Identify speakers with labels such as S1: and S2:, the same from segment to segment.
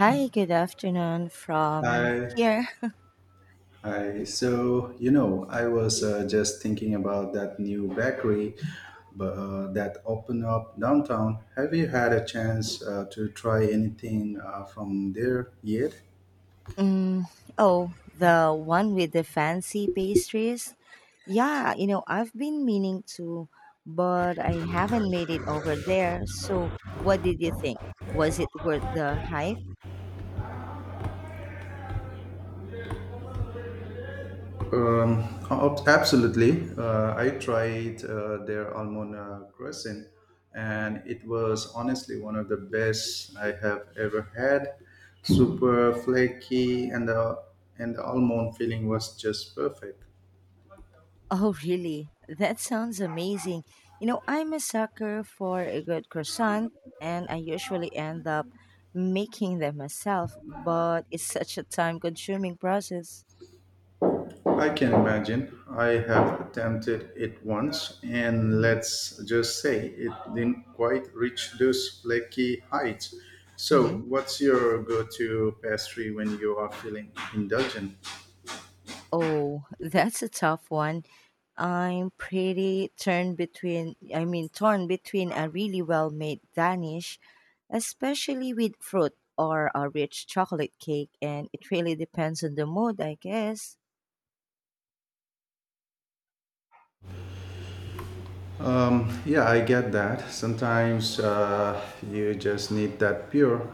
S1: Hi, good afternoon from
S2: Hi,
S1: here.
S2: hi. I was just thinking about that new bakery that opened up downtown. Have you had a chance to try anything from there yet?
S1: Mm, oh, the one with the fancy pastries? Yeah, you know, I've been meaning to, but I haven't made it over there. So, what did you think? Was it worth the hype?
S2: Um, Absolutely. I tried their almond croissant, and it was honestly one of the best I have ever had. Super flaky, and the almond filling was just perfect.
S1: Oh, really? That sounds amazing. You know, I'm a sucker for a good croissant, and I usually end up making them myself, but it's such a time consuming process.
S2: I can imagine. I have attempted it once, and
S1: Mm-hmm.
S2: let's just say it didn't quite reach those flaky heights. So,
S1: Mm-hmm.
S2: what's your go to pastry when you are feeling indulgent?
S1: Oh, that's a tough one. I'm pretty turned between, I mean, torn between a really well made Danish, especially with fruit, or a rich chocolate cake, and it really depends on the mood, I guess.
S2: Yeah, I get that. Sometimes you just need that pure,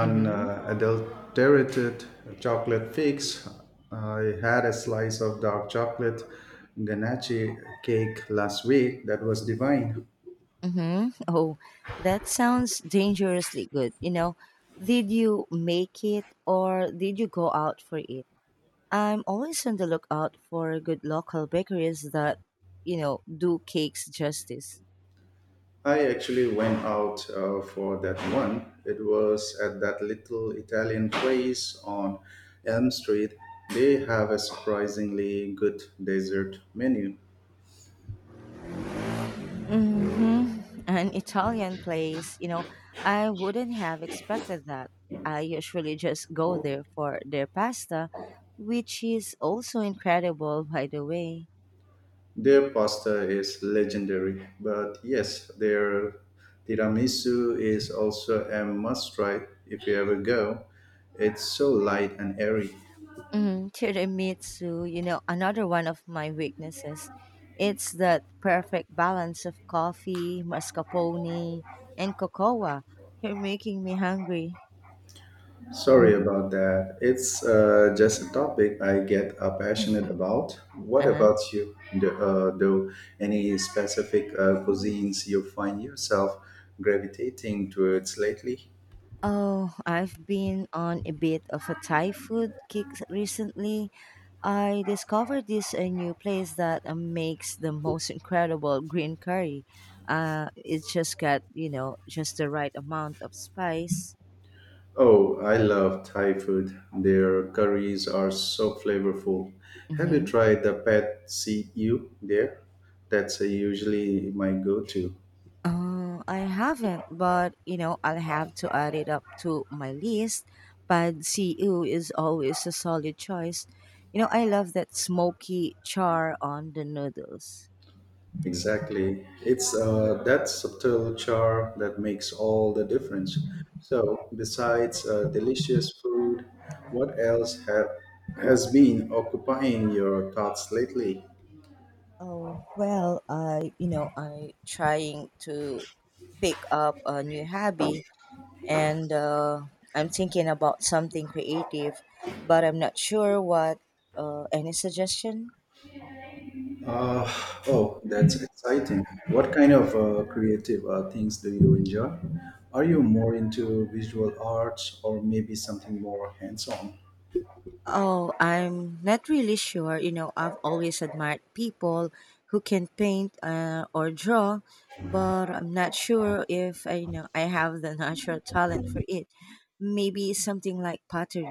S1: Mm-hmm.
S2: chocolate fix. I had a slice of dark chocolate ganache cake last week that was divine.
S1: Mm-hmm. Oh, that sounds dangerously good. You know, did you make it or did you go out for it? I'm always on the lookout for good local bakeries that, you know, do cakes justice.
S2: I actually went out for that one. It was at that little Italian place on Elm Street. They have a surprisingly good dessert menu.
S1: Mhm. An Italian place, you know, I wouldn't have expected that. I usually just go there for their pasta, which is also incredible, by the way.
S2: Their pasta is legendary, but yes, their tiramisu is also a must try if you ever go. It's so light and airy.
S1: Mm, tiramisu, you know, another one of my weaknesses. It's that perfect balance of coffee, mascarpone, and cocoa. You're making me hungry.
S2: Sorry about that. It's just a topic I get
S1: Uh-huh.
S2: passionate about. What about you? Do any specific cuisines you find yourself gravitating towards lately?
S1: Oh, I've been on a bit of a Thai food kick recently. I discovered this a new place that makes the most incredible green curry. It's just got just the right amount of spice.
S2: Oh, I love Thai food. Their curries are so flavorful. Have you
S1: Mm-hmm.
S2: tried the pad see ew there? That's usually my go-to.
S1: I haven't, but I'll have to add it up to my list. Pad See Ew is always a solid choice. You know, I love that smoky char on the noodles.
S2: Exactly. It's that subtle char that makes all the difference. So, besides delicious food, what else have, has been occupying your thoughts lately?
S1: Oh, well, I trying to pick up a new hobby, and I'm thinking about something creative, but I'm not sure what. Any suggestion?
S2: Uh, oh, that's exciting. What kind of creative things do you enjoy? Are you more into visual arts or maybe something more hands on?
S1: Oh, I'm not really sure. You know, I've always admired people who can paint or draw, but I'm not sure if I, you know, I have the natural talent for it. Maybe something like pottery.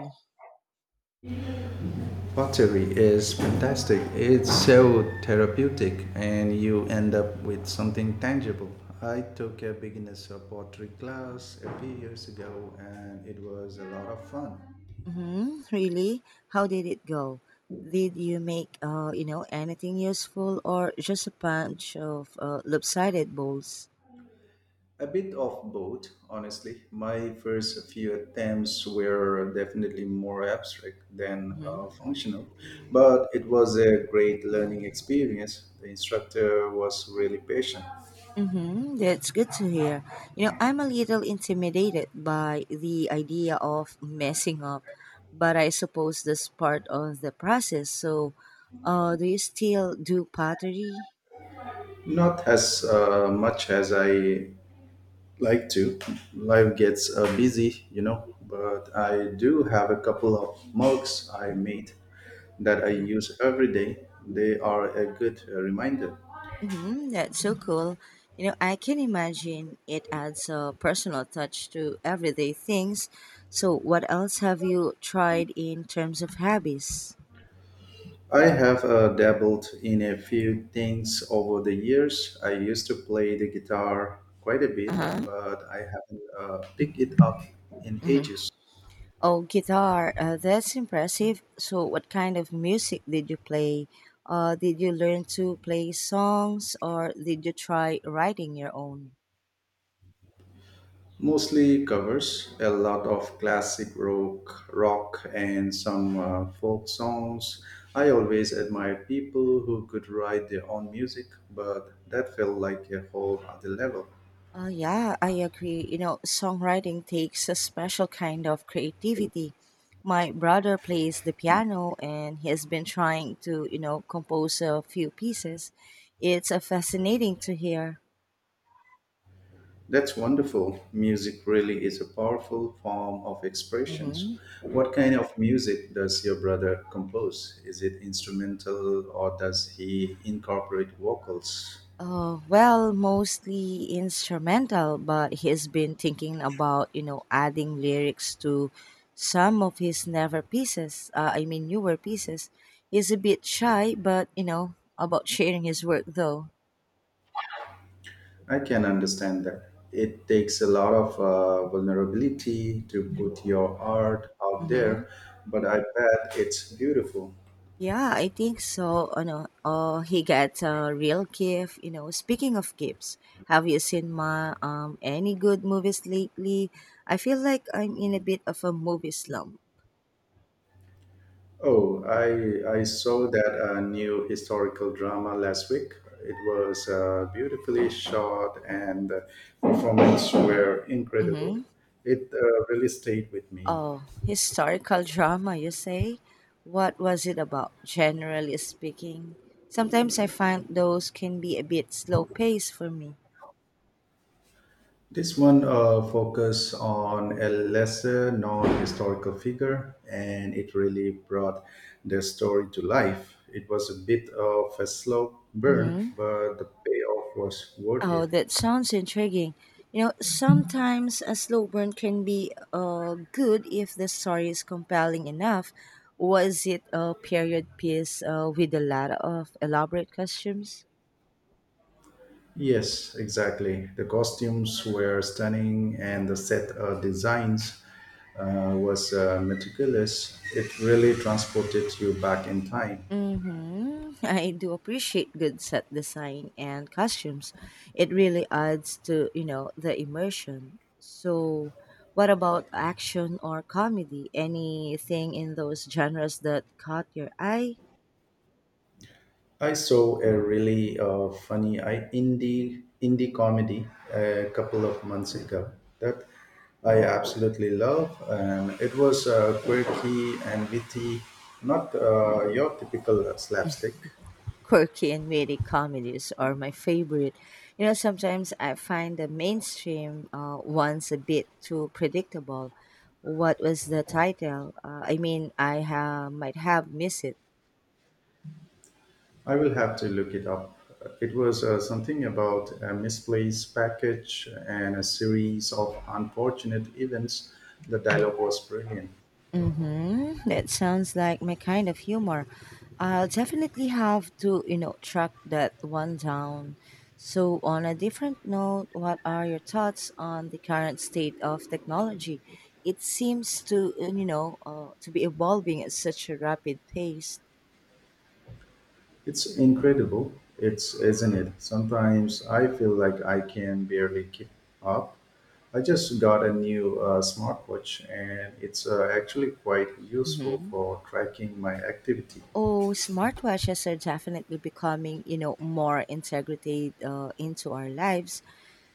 S2: Pottery is fantastic. It's so therapeutic, and you end up with something tangible. I took a beginner's pottery class a few years ago, and it was a lot of fun.
S1: Hmm. Really? How did it go? Did you make, anything useful, or just a bunch of lopsided balls?
S2: A bit of both, honestly. My first few attempts were definitely more abstract than
S1: Mm-hmm.
S2: functional, but it was a great learning experience. The instructor was really patient
S1: Mm-hmm. That's good to hear. You know, I'm a little intimidated by the idea of messing up, but I suppose that's part of the process. So, do you still do pottery?
S2: not as much as I like to. Life gets busy, you know, but I do have a couple of mugs I made that I use every day. They are a good reminder.
S1: Mm-hmm, that's so cool. You know, I can imagine it adds a personal touch to everyday things. So, what else have you tried in terms of hobbies?
S2: I have dabbled in a few things over the years. I used to play the guitar quite a bit,
S1: Uh-huh.
S2: but I haven't picked it up in
S1: Mm-hmm.
S2: ages.
S1: Oh, guitar. That's impressive. So, what kind of music did you play? Did you learn to play songs, or did you try writing your own?
S2: Mostly covers a lot of classic rock and some folk songs. I always admire people who could write their own music, but that felt like a whole other level.
S1: Yeah, I agree. You know, songwriting takes a special kind of creativity. My brother plays the piano, and he has been trying to, you know, compose a few pieces. It's fascinating to hear.
S2: That's wonderful. Music really is a powerful form of expressions.
S1: Hmm.
S2: What kind of music does your brother compose? Is it instrumental or does he incorporate vocals?
S1: Well, mostly instrumental, but he's been thinking about, you know, adding lyrics to some of his never pieces. I mean, newer pieces. He's a bit shy, but, you know, about sharing his work though.
S2: I can understand that. It takes a lot of vulnerability to put your art out
S1: Hmm.
S2: there, but I bet it's beautiful.
S1: Yeah, I think so. Oh, no. Oh, he gets a real gift. You know, speaking of gifts, have you seen my any good movies lately? I feel like I'm in a bit of a movie slump.
S2: Oh, I saw that new historical drama last week. It was beautifully shot, and the performances were
S1: Mm-hmm.
S2: incredible. It really stayed with me.
S1: Oh, historical drama, you say? What was it about, generally speaking? Sometimes I find those can be a bit slow paced for me.
S2: This one focused on a lesser known historical figure and it really brought the story to life. It was a bit of a slow burn,
S1: Mm-hmm.
S2: but the payoff was worth
S1: Oh,
S2: it.
S1: that sounds intriguing. You know, sometimes a slow burn can be good if the story is compelling enough. Was it a period piece with a lot of elaborate costumes?
S2: Yes, exactly. The costumes were stunning and the set designs was meticulous. It really transported you back in time.
S1: Mm-hmm. I do appreciate good set design and costumes. It really adds to, you know, the immersion. So, what about action or comedy? Anything in those genres that caught your eye?
S2: I saw a really funny I, indie indie comedy a couple of months ago that I absolutely love, and it was quirky and witty, not your typical slapstick.
S1: Quirky and witty comedies are my favorite. You know, sometimes I find the mainstream ones a bit too predictable. What was the title? Might have missed it.
S2: I will have to look it up. It was something about a misplaced package and a series of unfortunate events. The dialogue was brilliant.
S1: Mm-hmm. That sounds like my kind of humor. I'll definitely have to, you know, track that one down. So, on a different note, what are your thoughts on the current state of technology? It seems to be evolving at such a rapid pace.
S2: It's incredible, it's isn't it? Sometimes I feel like I can barely keep up. I just got a new smartwatch, and it's actually quite useful
S1: Mm-hmm.
S2: for tracking my activity.
S1: Oh, smartwatches are definitely becoming, you know, more integrated into our lives.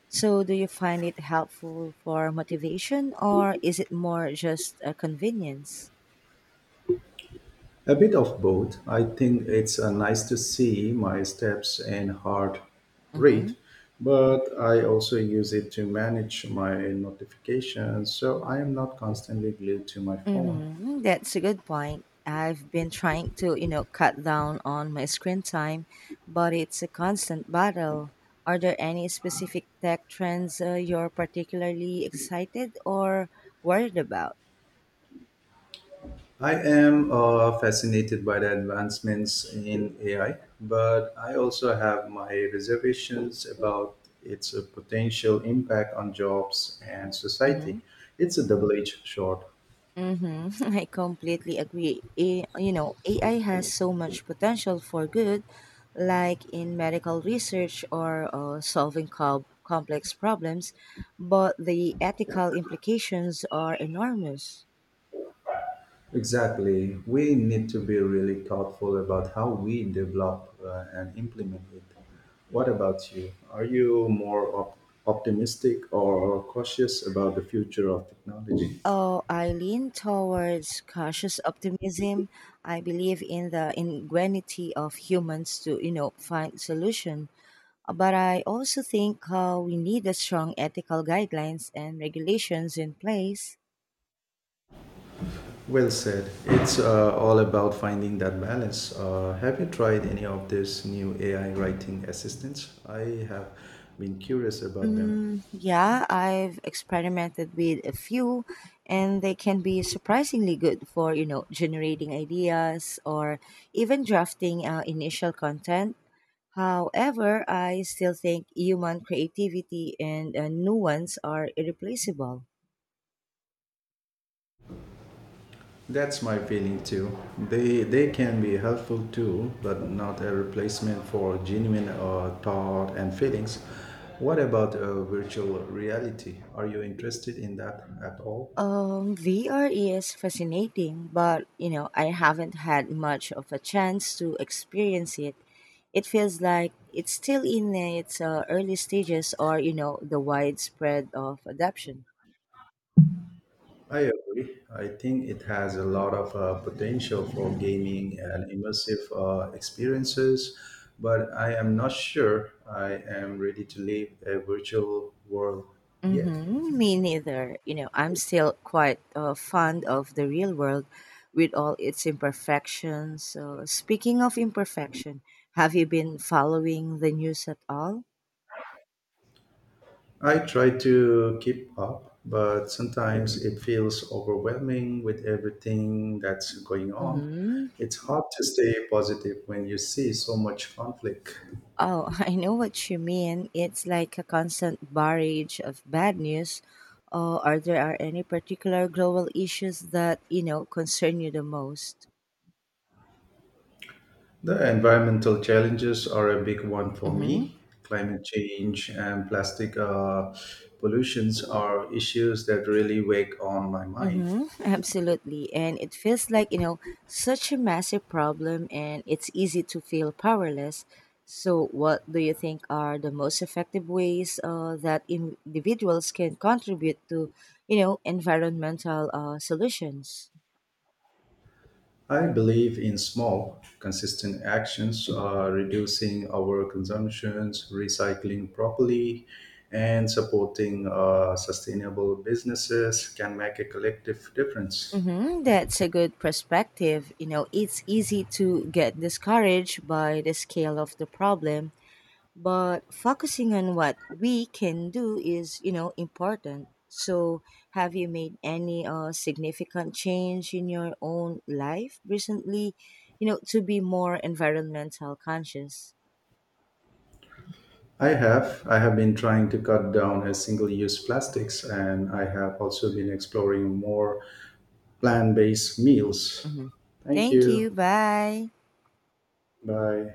S1: So, do you find it helpful for motivation, or is it more just a convenience?
S2: A bit of both. I think it's nice to see my steps and heart
S1: Hmm.
S2: rate, but I also use it to manage my notifications, so I am not constantly glued to my phone.
S1: Mm-hmm. That's a good point. I've been trying to, you know, cut down on my screen time, but it's a constant battle. Are there any specific tech trends you're particularly excited or worried about?
S2: I am fascinated by the advancements in AI, but I also have my reservations about its potential impact on jobs and society. It's a double edged sword.
S1: Mm-hmm. I completely agree. You know, AI has so much potential for good, like in medical research, or complex problems, but the ethical implications are enormous.
S2: Exactly. We need to be really thoughtful about how we develop and implement it. What about you? Are you more optimistic or cautious about the future of technology?
S1: Oh, I lean towards cautious optimism. I believe in the ingenuity of humans to, you know, find solution. But I also think we need a strong ethical guidelines and regulations in place.
S2: Well said. It's all about finding that balance. Have you tried any of these new AI writing assistants? I have been curious about them.
S1: Mm, yeah, I've experimented with a few, and they can be surprisingly good for, you know, generating ideas, or even drafting initial content. However, I still think human creativity and nuance are irreplaceable.
S2: That's my feeling too. They can be a helpful tool, but not a replacement for genuine thought and feelings. What about virtual reality? Are you interested in that at all?
S1: VR is fascinating, but you know, I haven't had much of a chance to experience it. It feels like it's still in its early stages or, you know, the widespread of adoption.
S2: I agree. I think it has a lot of potential for gaming and immersive experiences, but I am not sure I am ready to live a virtual world yet.
S1: Mm-hmm. Me neither. You know, I'm still quite fond of the real world with all its imperfections. So, speaking of imperfection, have you been following the news at all?
S2: I try to keep up, but sometimes it feels overwhelming with everything that's going on.
S1: Mm-hmm.
S2: It's hard to stay positive when you see so much conflict.
S1: Oh, I know what you mean. It's like a constant barrage of bad news. Are there are any particular global issues that, you know, concern you the most?
S2: The environmental challenges are a big one for
S1: Mm-hmm.
S2: me. Climate change and plastic pollutions are issues that really weigh on my mind.
S1: Mm-hmm. Absolutely, and it feels like, you know, such a massive problem, and it's easy to feel powerless. So, what do you think are the most effective ways that individuals can contribute to, you know, environmental solutions?
S2: I believe in small, consistent actions, reducing our consumptions, recycling properly, and supporting sustainable businesses can make a collective difference.
S1: Mm-hmm, that's a good perspective. You know, it's easy to get discouraged by the scale of the problem, but focusing on what we can do is, you know, important. So, have you made any significant change in your own life recently, you know, to be more environmental conscious?
S2: I have. I have been trying to cut down a single-use plastics, and I have also been exploring more plant based meals.
S1: Mm-hmm.
S2: Thank
S1: Thank
S2: you.
S1: you. Bye.
S2: Bye.